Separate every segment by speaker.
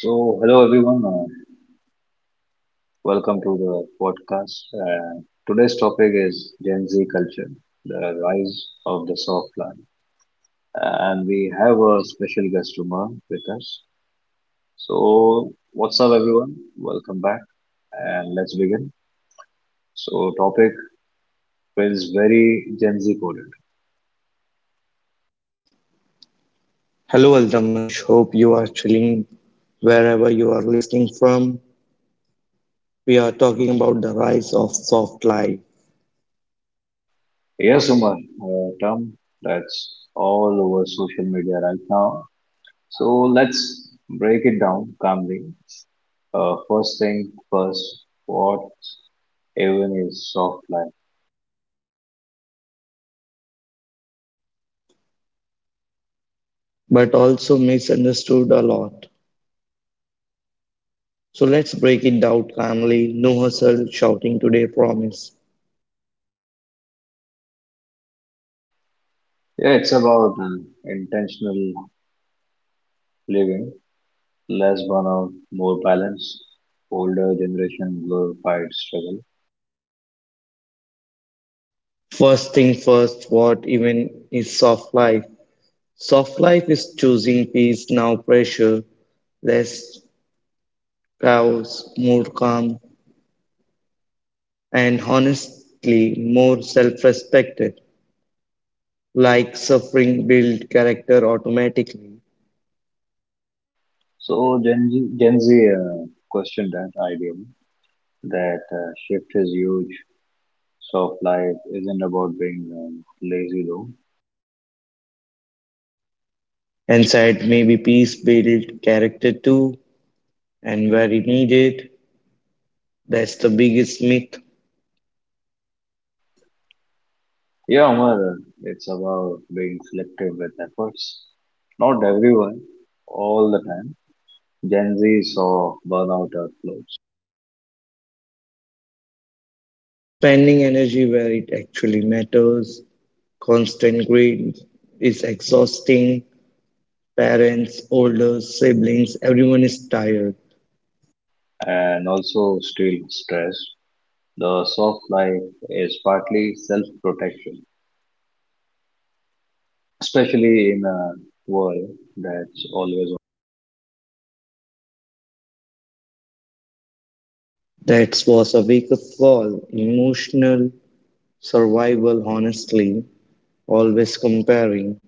Speaker 1: So, hello everyone, welcome to the podcast. Today's topic is Gen Z culture, the rise of the soft land. And we have a special guest, Umar, with us. So, what's up everyone? Welcome back and let's begin. So, topic feels very Gen Z coded.
Speaker 2: Hello, Aldamash. Hope you are chilling wherever you are listening from. We are talking about the rise of soft life,
Speaker 1: Yes, Umar, term that's all over social media right now. So, let's break it down calmly. First thing first, what even is soft life?
Speaker 2: but also misunderstood a lot. So let's break it down calmly. No hustle shouting today, promise.
Speaker 1: Yeah, it's about intentional living, less burnout, more balance. Older generation glorified struggle.
Speaker 2: First thing first, what even is soft life? Soft life is choosing peace, now pressure, less chaos, more calm, and honestly, more self respected. Like suffering build character automatically,
Speaker 1: So Gen Z questioned that idea. That shift is huge. Soft life isn't about being lazy though.
Speaker 2: and sad maybe peace build character too, and where it needed. That's the biggest myth.
Speaker 1: Yeah, Umar, it's about being selective with efforts. Not everyone, all the time Gen Z saw burnout at loads
Speaker 2: Spending energy where it actually matters. Constant greed is exhausting. Parents, older siblings, everyone is tired.
Speaker 1: and also still stressed. The soft life is partly self protection, especially in a world that's always
Speaker 2: That was a wake up call. Emotional survival, honestly, always comparing.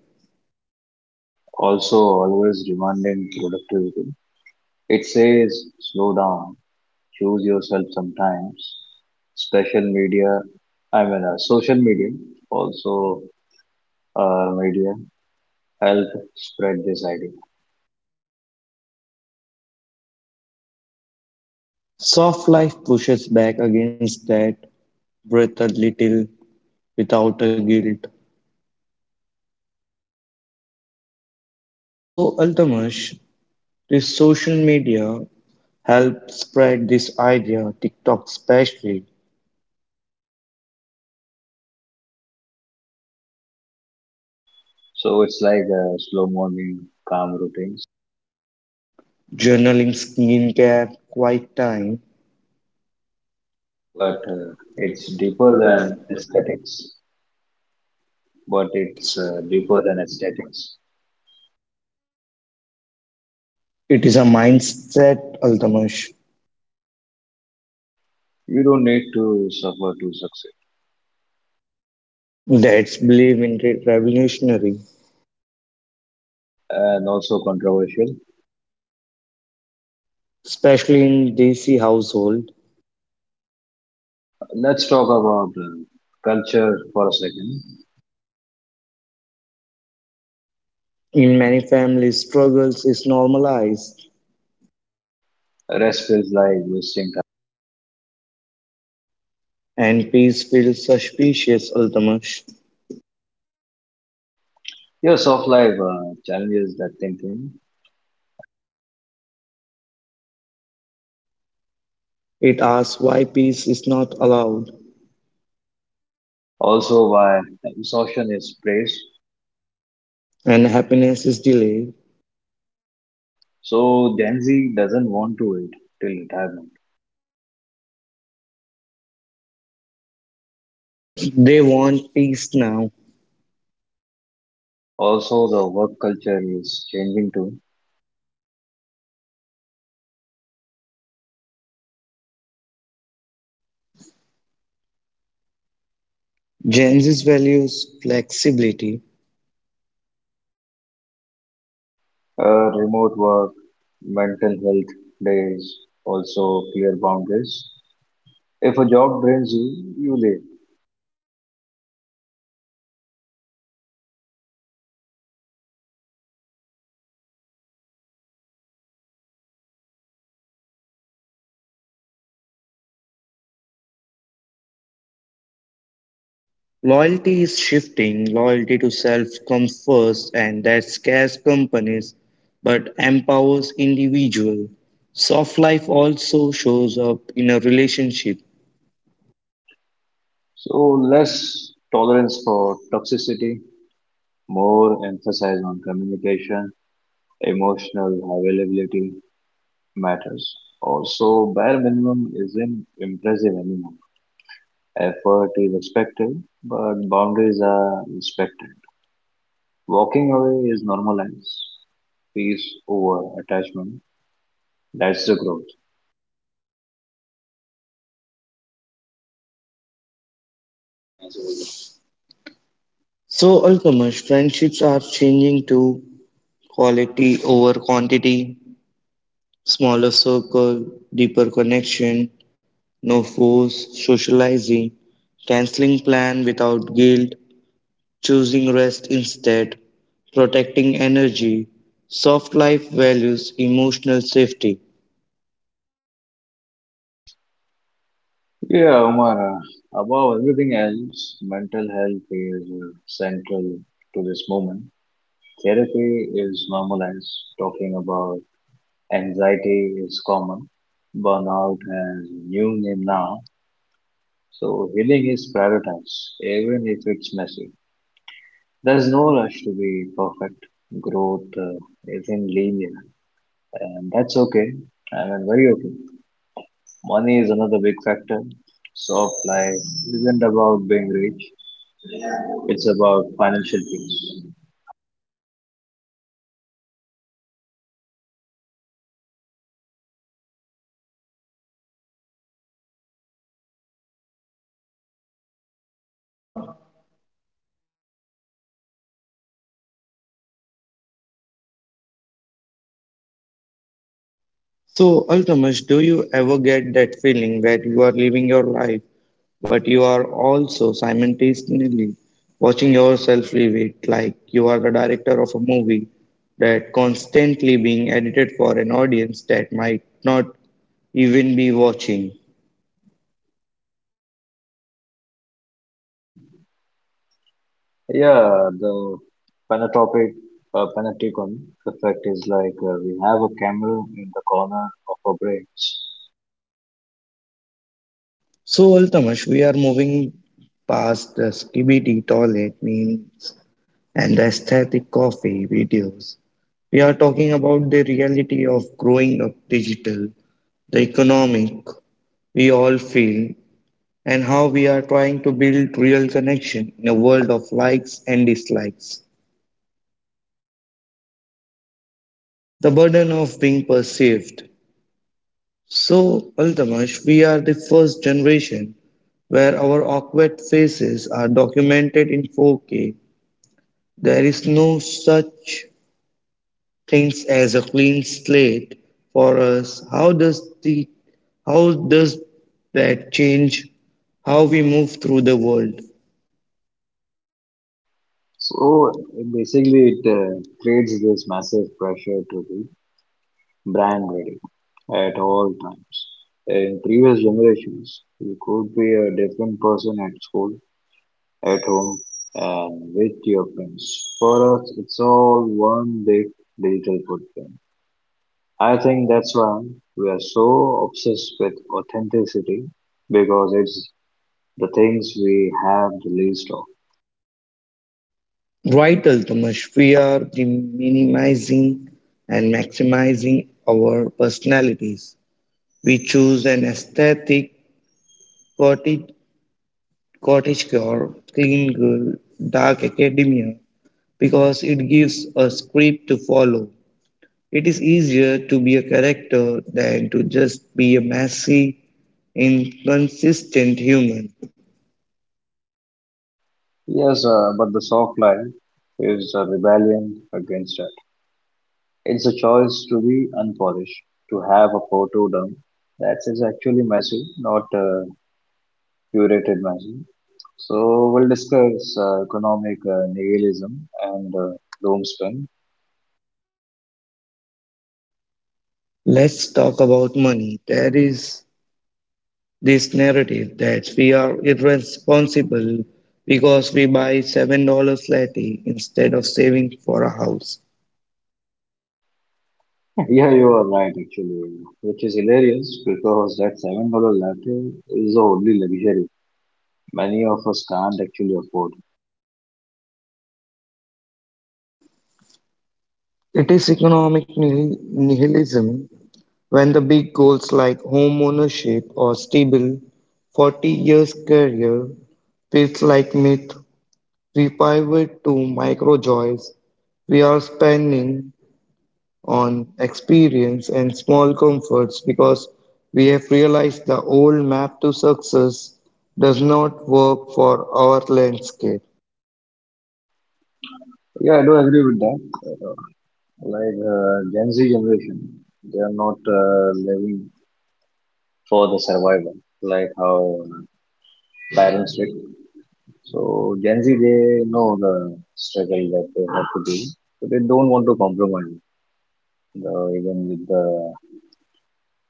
Speaker 1: also always demanding productivity. It says slow down, choose yourself sometimes. Special media, I mean, social media, also media help spread this idea.
Speaker 2: Soft life pushes back against that. Breath a little without a guilt. So, Altamash, this social media helped spread this idea, TikTok especially.
Speaker 1: So it's like a slow morning, calm routine
Speaker 2: Journaling, skincare, quiet time.
Speaker 1: but it's deeper than aesthetics. But it's deeper than aesthetics.
Speaker 2: It is a mindset, Altamash,
Speaker 1: You don't need to suffer to succeed.
Speaker 2: that's believed in revolutionary,
Speaker 1: And also controversial.
Speaker 2: especially in DC household.
Speaker 1: Let's talk about culture for a second.
Speaker 2: In many families, struggles is normalized
Speaker 1: Rest feels like wasting time.
Speaker 2: and peace feels suspicious, Altamash.
Speaker 1: Your soft life challenges that thinking.
Speaker 2: It asks why peace is not allowed
Speaker 1: Also, why exhaustion is praised.
Speaker 2: and happiness is delayed.
Speaker 1: So Gen Z doesn't want to wait till retirement.
Speaker 2: They want peace now.
Speaker 1: Also, the work culture is changing too.
Speaker 2: Gen Z values flexibility.
Speaker 1: Remote work, mental health days also clear boundaries. If a job drains you, you leave.
Speaker 2: Loyalty is shifting. Loyalty to self comes first, and that scares companies but empowers individual. Soft life also shows up in a relationship.
Speaker 1: So less tolerance for toxicity, more emphasis on communication, emotional availability matters. Also, bare minimum isn't impressive anymore. Effort is expected, but boundaries are respected. Walking away is normalized. Peace over attachment. That's the growth.
Speaker 2: So, Alchemist, friendships are changing to quality over quantity, smaller circle, deeper connection. No force, socializing, canceling plan without guilt, choosing rest instead, protecting energy, soft life values, emotional safety.
Speaker 1: Yeah, Omar, above everything else, mental health is central to this movement. Therapy is normalized, talking about anxiety is common, burnout has a new name now, so healing is prioritized, even if it's messy. There's no rush to be perfect. Growth isn't linear, and that's okay. I mean, very okay. Money is another big factor. Soft life isn't about being rich. It's about financial peace.
Speaker 2: So, Altamash, do you ever get that feeling where you are living your life, but you are also simultaneously watching yourself live it like you are the director of a movie that constantly being edited for an audience that might not even be watching?
Speaker 1: Yeah, the final topic, final effect is like we have a camera in the corner of our brains.
Speaker 2: So, Altamash, we are moving past the skibidi toilet memes and the aesthetic coffee videos. We are talking about the reality of growing up digital, the economic we all feel, and how we are trying to build real connection in a world of likes and dislikes. The burden of being perceived. So, Altamash, we are the first generation where our awkward faces are documented in 4K. There is no such things as a clean slate for us. How does that change how we move through the world?
Speaker 1: So basically, it creates this massive pressure to be brand ready at all times. In previous generations, you could be a different person at school, at home, and with your friends. For us, it's all one big digital footprint. I think that's why we are so obsessed with authenticity because it's the things we have the least of.
Speaker 2: Right, Altamash, we are the minimizing and maximizing our personalities. We choose an aesthetic cottage, cottage core, clean girl, dark academia because it gives a script to follow. It is easier to be a character than to just be a messy, inconsistent human.
Speaker 1: Yes, but the soft lie is a rebellion against it. It's a choice to be unpolished, to have a photo done that is actually messy, not curated messy. So we'll discuss economic nihilism and doom spin.
Speaker 2: Let's talk about money. There is this narrative that we are irresponsible because we buy $7 latte instead of saving for a house.
Speaker 1: Yeah, you are right actually, which is hilarious because that $7 latte is the only luxury many of us can't actually afford.
Speaker 2: It is economic nihilism when the big goals like home ownership or stable 40 years career feels like myth we pivot to micro joys. We are spending on experience and small comforts because we have realized the old map to success does not work for our landscape.
Speaker 1: Yeah, I do agree with that. Uh, Like Gen Z generation, they are not living for the survival like how parents did. So Gen Z, they know the struggle that they have to do, so they don't want to compromise the, even with the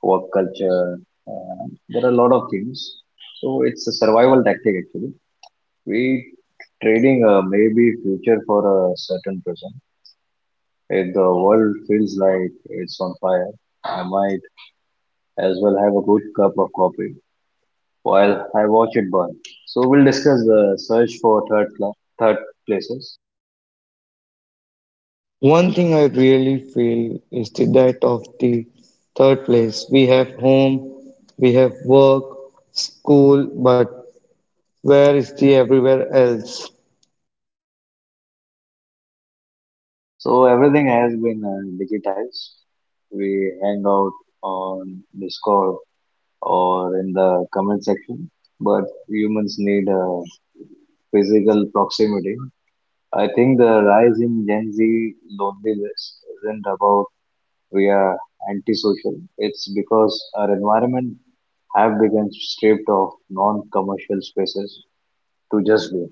Speaker 1: work culture. There are a lot of things. So it's a survival tactic actually. We trading maybe future for a certain person. If the world feels like it's on fire, I might as well have a good cup of coffee while I watch it burn. So we'll discuss the search for third places.
Speaker 2: One thing I really feel is the that of the third place. We have home, we have work, school, but where is the everywhere else?
Speaker 1: So everything has been digitized. We hang out on Discord or in the comment section, but humans need a physical proximity. I think the rise in Gen Z loneliness isn't about we are antisocial. It's because our environment have become stripped of non-commercial spaces to just be.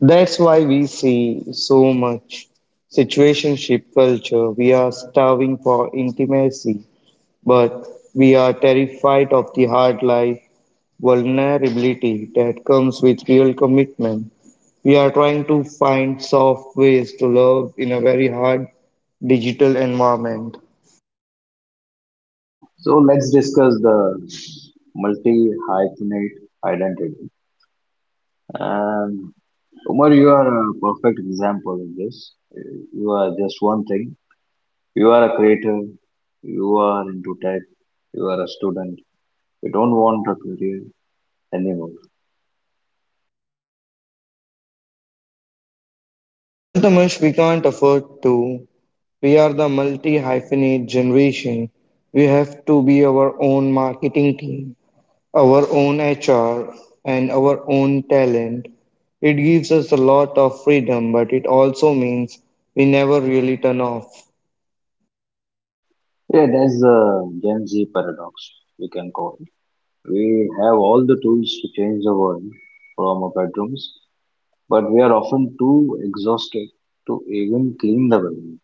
Speaker 2: That's why we see so much situationship culture. We are starving for intimacy, but we are terrified of the hard life vulnerability that comes with real commitment. We are trying to find soft ways to love in a very hard digital environment.
Speaker 1: So let's discuss the multi-hyphenate identity. And Umar, you are a perfect example of this. You are just one thing, you are a creator, you are into tech, you are a student, you don't want a career anymore.
Speaker 2: Ultimately, we can't afford to. We are the multi hyphenate generation. We have to be our own marketing team, our own HR, and our own talent. It gives us a lot of freedom, but it also means we never really turn off.
Speaker 1: Yeah, that's the Gen Z paradox, we can call it. We have all the tools to change the world from our bedrooms, but we are often too exhausted to even clean the bedroom.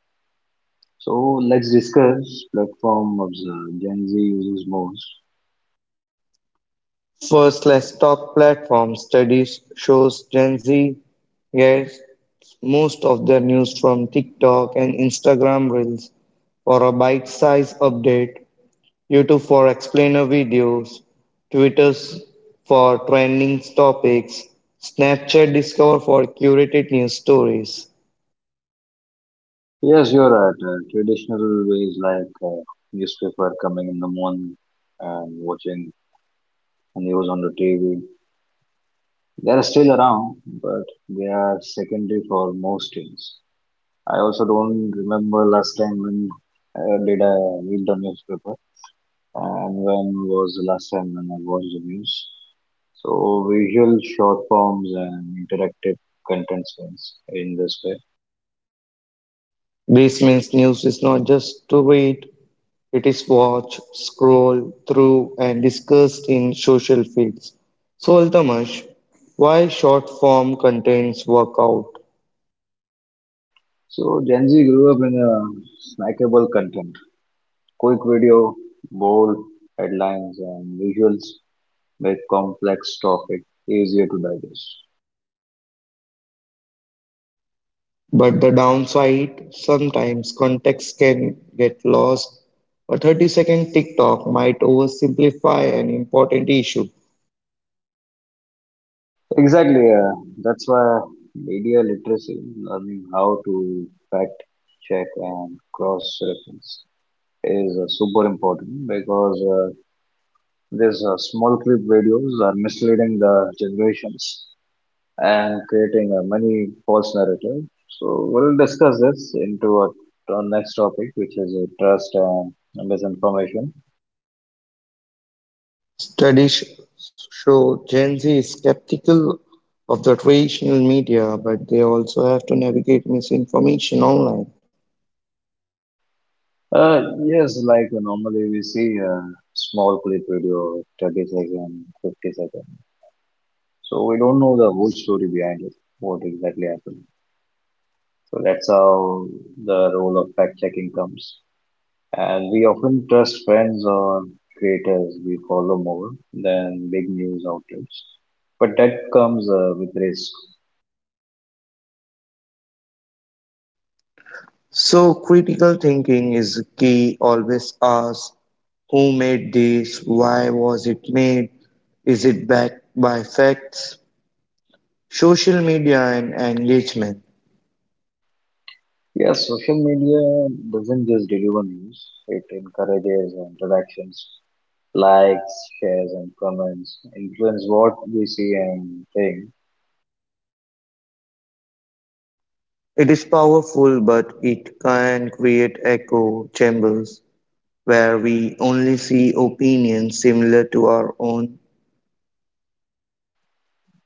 Speaker 1: So let's discuss platform of the Gen Z uses most.
Speaker 2: First, let's talk platforms. Studies shows Gen Z gets most of their news from TikTok and Instagram Reels. For a bite size update, YouTube for explainer videos, Twitter's for trending topics, Snapchat Discover for curated news stories.
Speaker 1: Yes, you're right. Traditional ways like newspaper coming in the morning and watching and news on the TV. They are still around, but they are secondary for most teams. I also don't remember last time when did I read the newspaper and when was the last time when I watched the news. So visual short forms and interactive content spans in this way.
Speaker 2: This means news is not just to read, it is watched, scrolled through, and discussed in social feeds. So, Altamash, why short form contents work out?
Speaker 1: So Gen Z grew up in a snackable content. Quick video, bold headlines and visuals make complex topic easier to digest.
Speaker 2: But the downside, sometimes context can get lost. A 30-second TikTok might oversimplify an important issue.
Speaker 1: Exactly. That's why media literacy, learning how to fact check and cross reference, is super important because these small clip videos are misleading the generations and creating many false narratives. So we'll discuss this into our next topic, which is trust and misinformation.
Speaker 2: Studies show Gen Z is skeptical of the traditional media, but they also have to navigate misinformation online.
Speaker 1: Yes, like normally we see a small clip video, 30 second, 50 second. So we don't know the whole story behind it, what exactly happened. So that's how the role of fact checking comes. And we often trust friends or creators we follow more than big news outlets. But that comes with risk.
Speaker 2: So critical thinking is key. Always ask who made this, why was it made, is it backed by facts? Social media and engagement.
Speaker 1: Yeah, social media doesn't just deliver news, it encourages interactions, likes, shares, and comments, influence what we see and think.
Speaker 2: It is powerful, but it can create echo chambers where we only see opinions similar to our own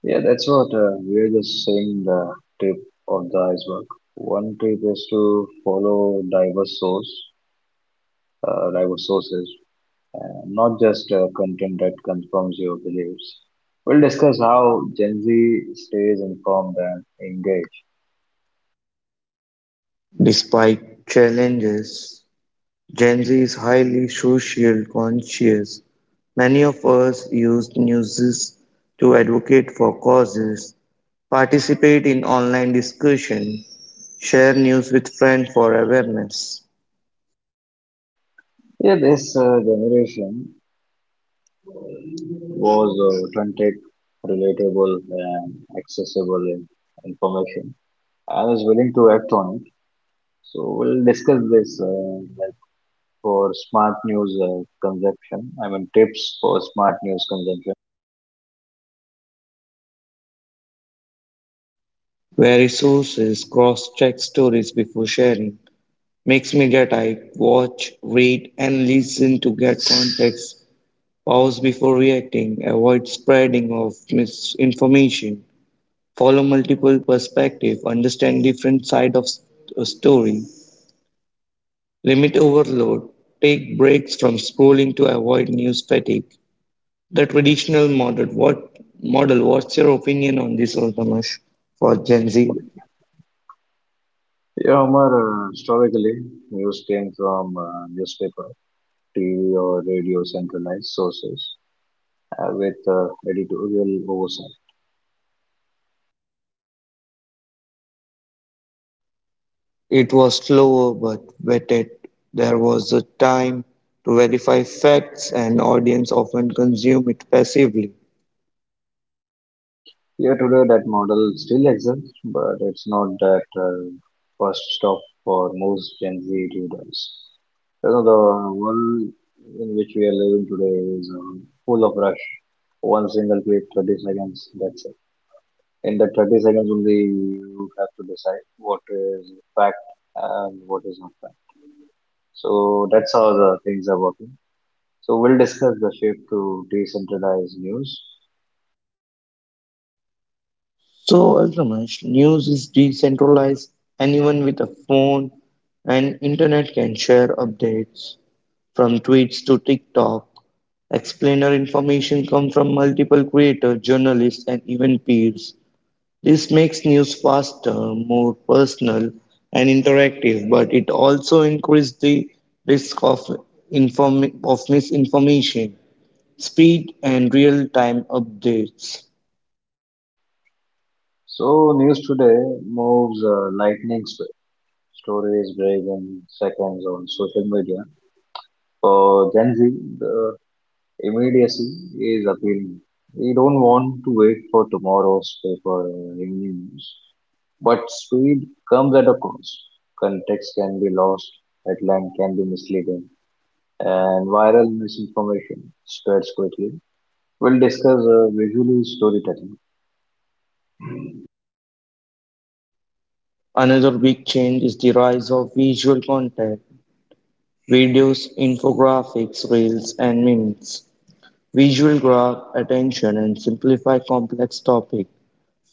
Speaker 1: Yeah, that's what we are just saying the tip of the iceberg. One tip is to follow diverse sources, not just content that confirms your beliefs. We'll discuss how Gen Z stays informed and engaged.
Speaker 2: despite challenges. Gen Z is highly social conscious. Many of us use news to advocate for causes, participate in online discussion, share news with friends for awareness,
Speaker 1: Yeah, this generation was authentic, relatable, and accessible in information and is willing to act on it. So we'll discuss this in for smart news consumption. I mean, tips for smart news consumption.
Speaker 2: vary sources, cross-check stories before sharing. Mixed media type, watch, read, and listen to get context, pause before reacting, avoid spreading of misinformation. Follow multiple perspective, understand different side of a story, limit overload, take breaks from scrolling to avoid news fatigue. The traditional model, what model? What's your opinion on this, Altamash, for Gen Z?
Speaker 1: Yeah, Omar, historically, news came from newspaper, TV, or radio centralized sources with editorial oversight.
Speaker 2: It was slower but vetted. There was a time to verify facts, and audience often consume it passively.
Speaker 1: Here today, that model still exists, but it's not that first stop for most Gen Z readers. You know, the world in which we are living today is full of rush. One single clip, 30 seconds, that's in the 30 seconds only, you have to decide what is fact and what is not fact. So that's how the things are working. So we'll discuss the shift to decentralized news.
Speaker 2: So, Altramash, news is decentralized. Anyone with a phone and internet can share updates from tweets to TikTok. Explainer information comes from multiple creators, journalists, and even peers. This makes news faster, more personal, and interactive, but it also increases the risk of, of misinformation, speed, and real time updates.
Speaker 1: So news today moves lightning speed. Stories break in seconds on social media. For Gen Z, the immediacy is appealing. We don't want to wait for tomorrow's paper or evening news. But speed comes at a cost. Context can be lost, headline can be misleading, and viral misinformation spreads quickly. We'll discuss visually storytelling.
Speaker 2: Another big change is the rise of visual content, videos, infographics, reels, and memes. Visual grab attention and simplify complex topics.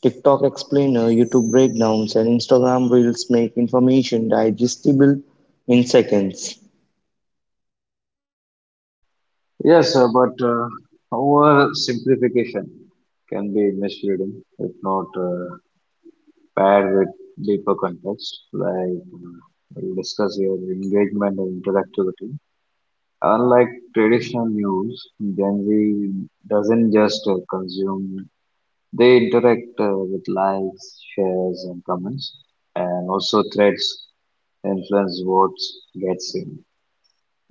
Speaker 2: TikTok explainer, YouTube breakdowns, and Instagram reels make information digestible in seconds.
Speaker 1: Yes, but oversimplification can be misleading if not paired with deeper context, like we'll discuss your engagement and interactivity. Unlike traditional news, Gen Z doesn't just consume, they interact with likes, shares, and comments, and also threads influence votes get seen.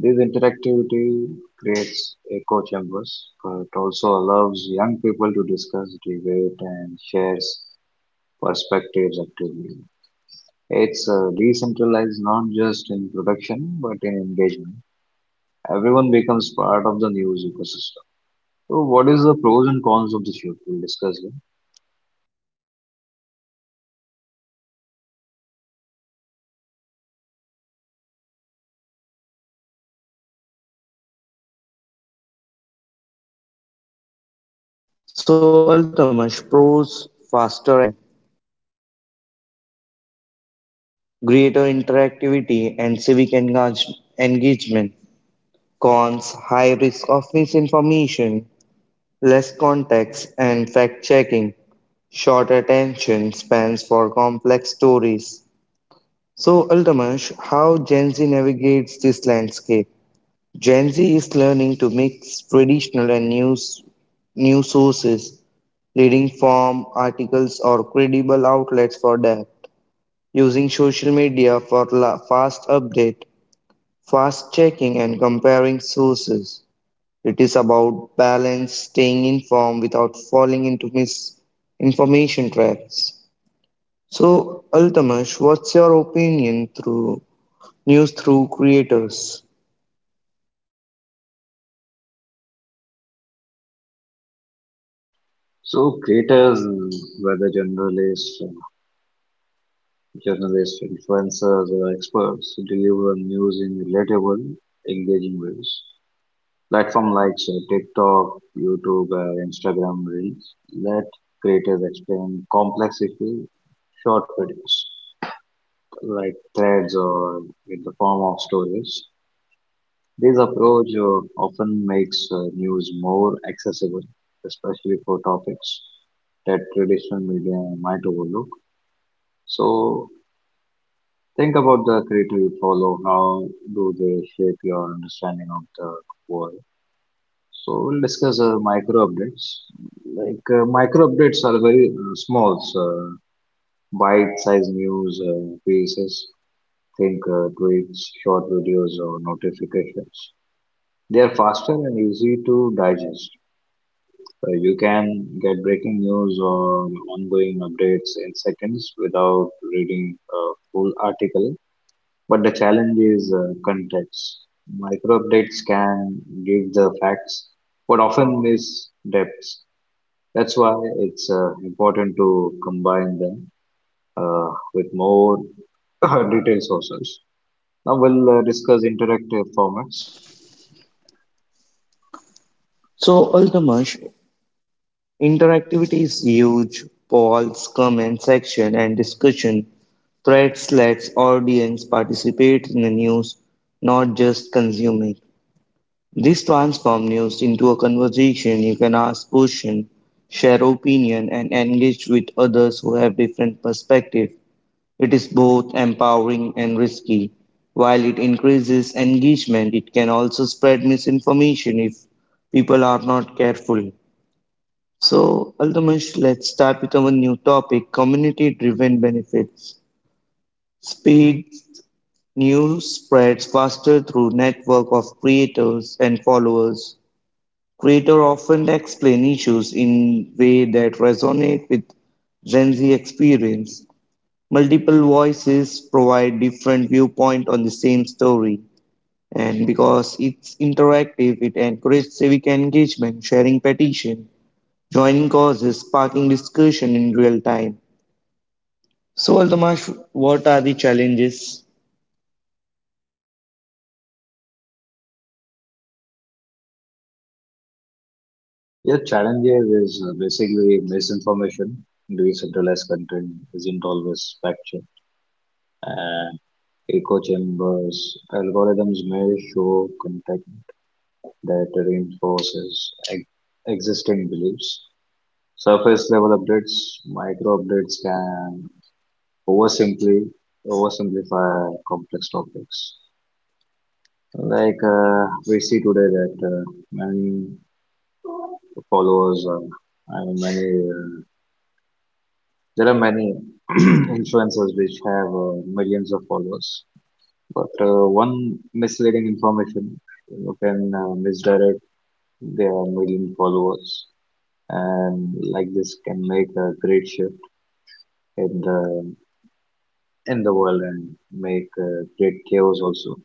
Speaker 1: This interactivity creates echo chambers, but also allows young people to discuss, debate, and share perspectives actively. It's decentralized not just in production but in engagement. Everyone becomes part of the news ecosystem. So, what is the pros and cons of the shift? We'll discuss them.
Speaker 2: So, Altamash, pros, faster access to breaking news, relatable, digestible content, greater interactivity, and engagement. Cons high risk of misinformation, less context and fact checking, short attention spans for complex stories. So, Altamash, how Gen Z navigates this landscape? Gen Z is learning to mix traditional and news sources, reading form, articles, or credible outlets for depth, using social media for fast update, fast checking, and comparing sources. It is about balance, staying informed without falling into misinformation traps. So, Altamash, what's your opinion through news through creators?
Speaker 1: So, creators, whether journalists, influencers, or experts, deliver news in relatable, engaging ways. Platform like TikTok, YouTube, or Instagram Reels let creators explain complex issues, in short videos. Like threads or in the form of stories. This approach often makes news more accessible, especially for topics that traditional media might overlook. So think about the creative you follow. How do they shape your understanding of the world? So we'll discuss micro updates. Like micro updates are very small, so bite-sized news pieces think tweets, short videos, or notifications. They are faster and easy to digest. You can get breaking news or ongoing updates in seconds without reading a full article. But the challenge is context. Micro updates can give the facts, but often miss depths. That's why it's important to combine them uh, with more detailed sources. Now we'll discuss interactive formats. So,
Speaker 2: So, Altamash, interactivity is huge. Polls, comment section, and discussion threads lets audience participate in the news, not just consuming. This transforms news into a conversation. You can ask questions, share opinion, and engage with others who have different perspectives. It is both empowering and risky. While it increases engagement, it can also spread misinformation if people are not careful. So, Aldamish, let's start with our new topic community driven benefits. Speed news spreads faster through network of creators and followers. Creators often explain issues in way that resonate with Gen Z experience. Multiple voices provide different viewpoint on the same story, and because it's interactive, it encourages civic engagement, sharing petition, joining causes, sparking discussion in real time. So, Altamash, what are the challenges?
Speaker 1: your challenge here is basically misinformation, decentralized content isn't always fact checked, and echo chambers. Algorithms may show content that reinforces existing beliefs. Surface level updates, micro updates can oversimply, oversimplify complex topics. Like we see today that many followers and many uh, there are many influencers which have millions of followers but one misleading information you can misdirect their million followers and like this can make a great shift in the in the world and make great chaos also.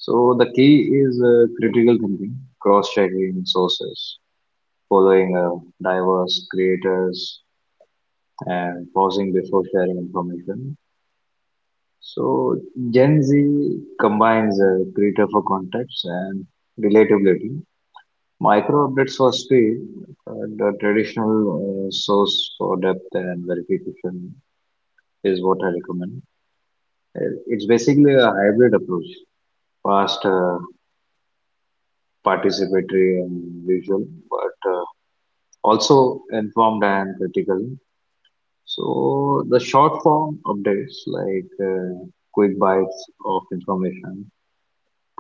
Speaker 1: So the key is critical thinking, cross-checking sources, following diverse creators and pausing before sharing information. So Gen Z combines a greater for context and relatability, micro updates for speed, uh, the traditional source for depth and verification is what I recommend. It's basically a hybrid approach, fast, participatory and visual, but also informed and critical. So the short form updates like quick bites of information,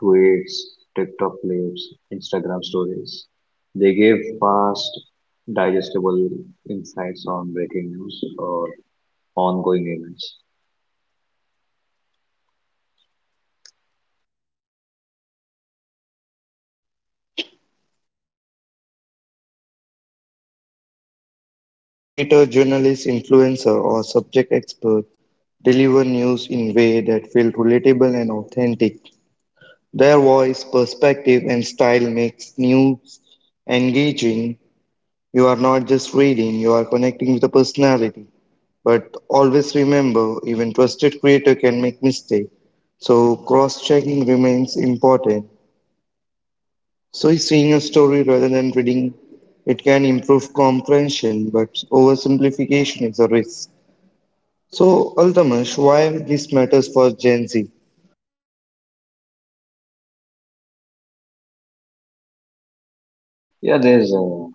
Speaker 1: tweets, TikTok clips, Instagram stories, they give fast, digestible insights on breaking news or ongoing events.
Speaker 2: Creator, journalist, influencer, or subject expert deliver news in way that feel relatable and authentic. Their voice, perspective, and style makes news engaging. You are not just reading, you are connecting with the personality. But always remember, even trusted creator can make mistake. So cross-checking remains important. So is seeing a story rather than reading it can improve comprehension, but oversimplification is a risk. So Altamash, why this matters for Gen Z?
Speaker 1: Yeah, there's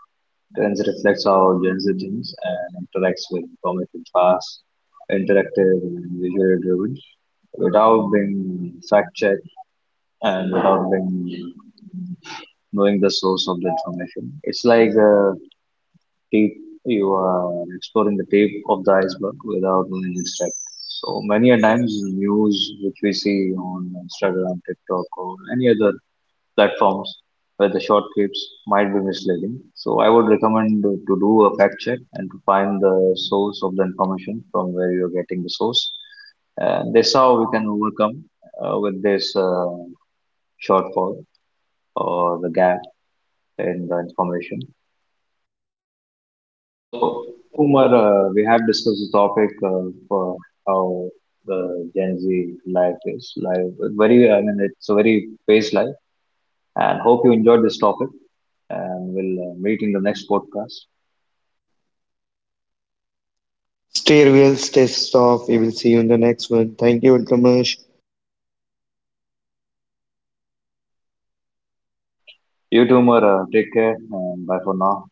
Speaker 1: trends reflects how Gen Z thinks and interacts with information fast, interactive, and visually driven, without being fact checked and without being knowing the source of the information. It's like a tip, you are exploring the tip of the iceberg without knowing its depth. So many a times news which we see on Instagram, TikTok or any other platforms where the short clips might be misleading. So I would recommend to do a fact check and to find the source of the information from where you're getting the source. And that's how we can overcome with this shortfall or the gap in the information. So, Umar, we have discussed the topic of uh, how the Gen Z life is life. Very, I mean, it's a very fast life, and hope you enjoyed this topic. And we'll meet in the next podcast.
Speaker 2: Stay real, stay soft. We will see you in the next one. Thank you, Altamash.
Speaker 1: You too, Umar. Take care. And bye for now.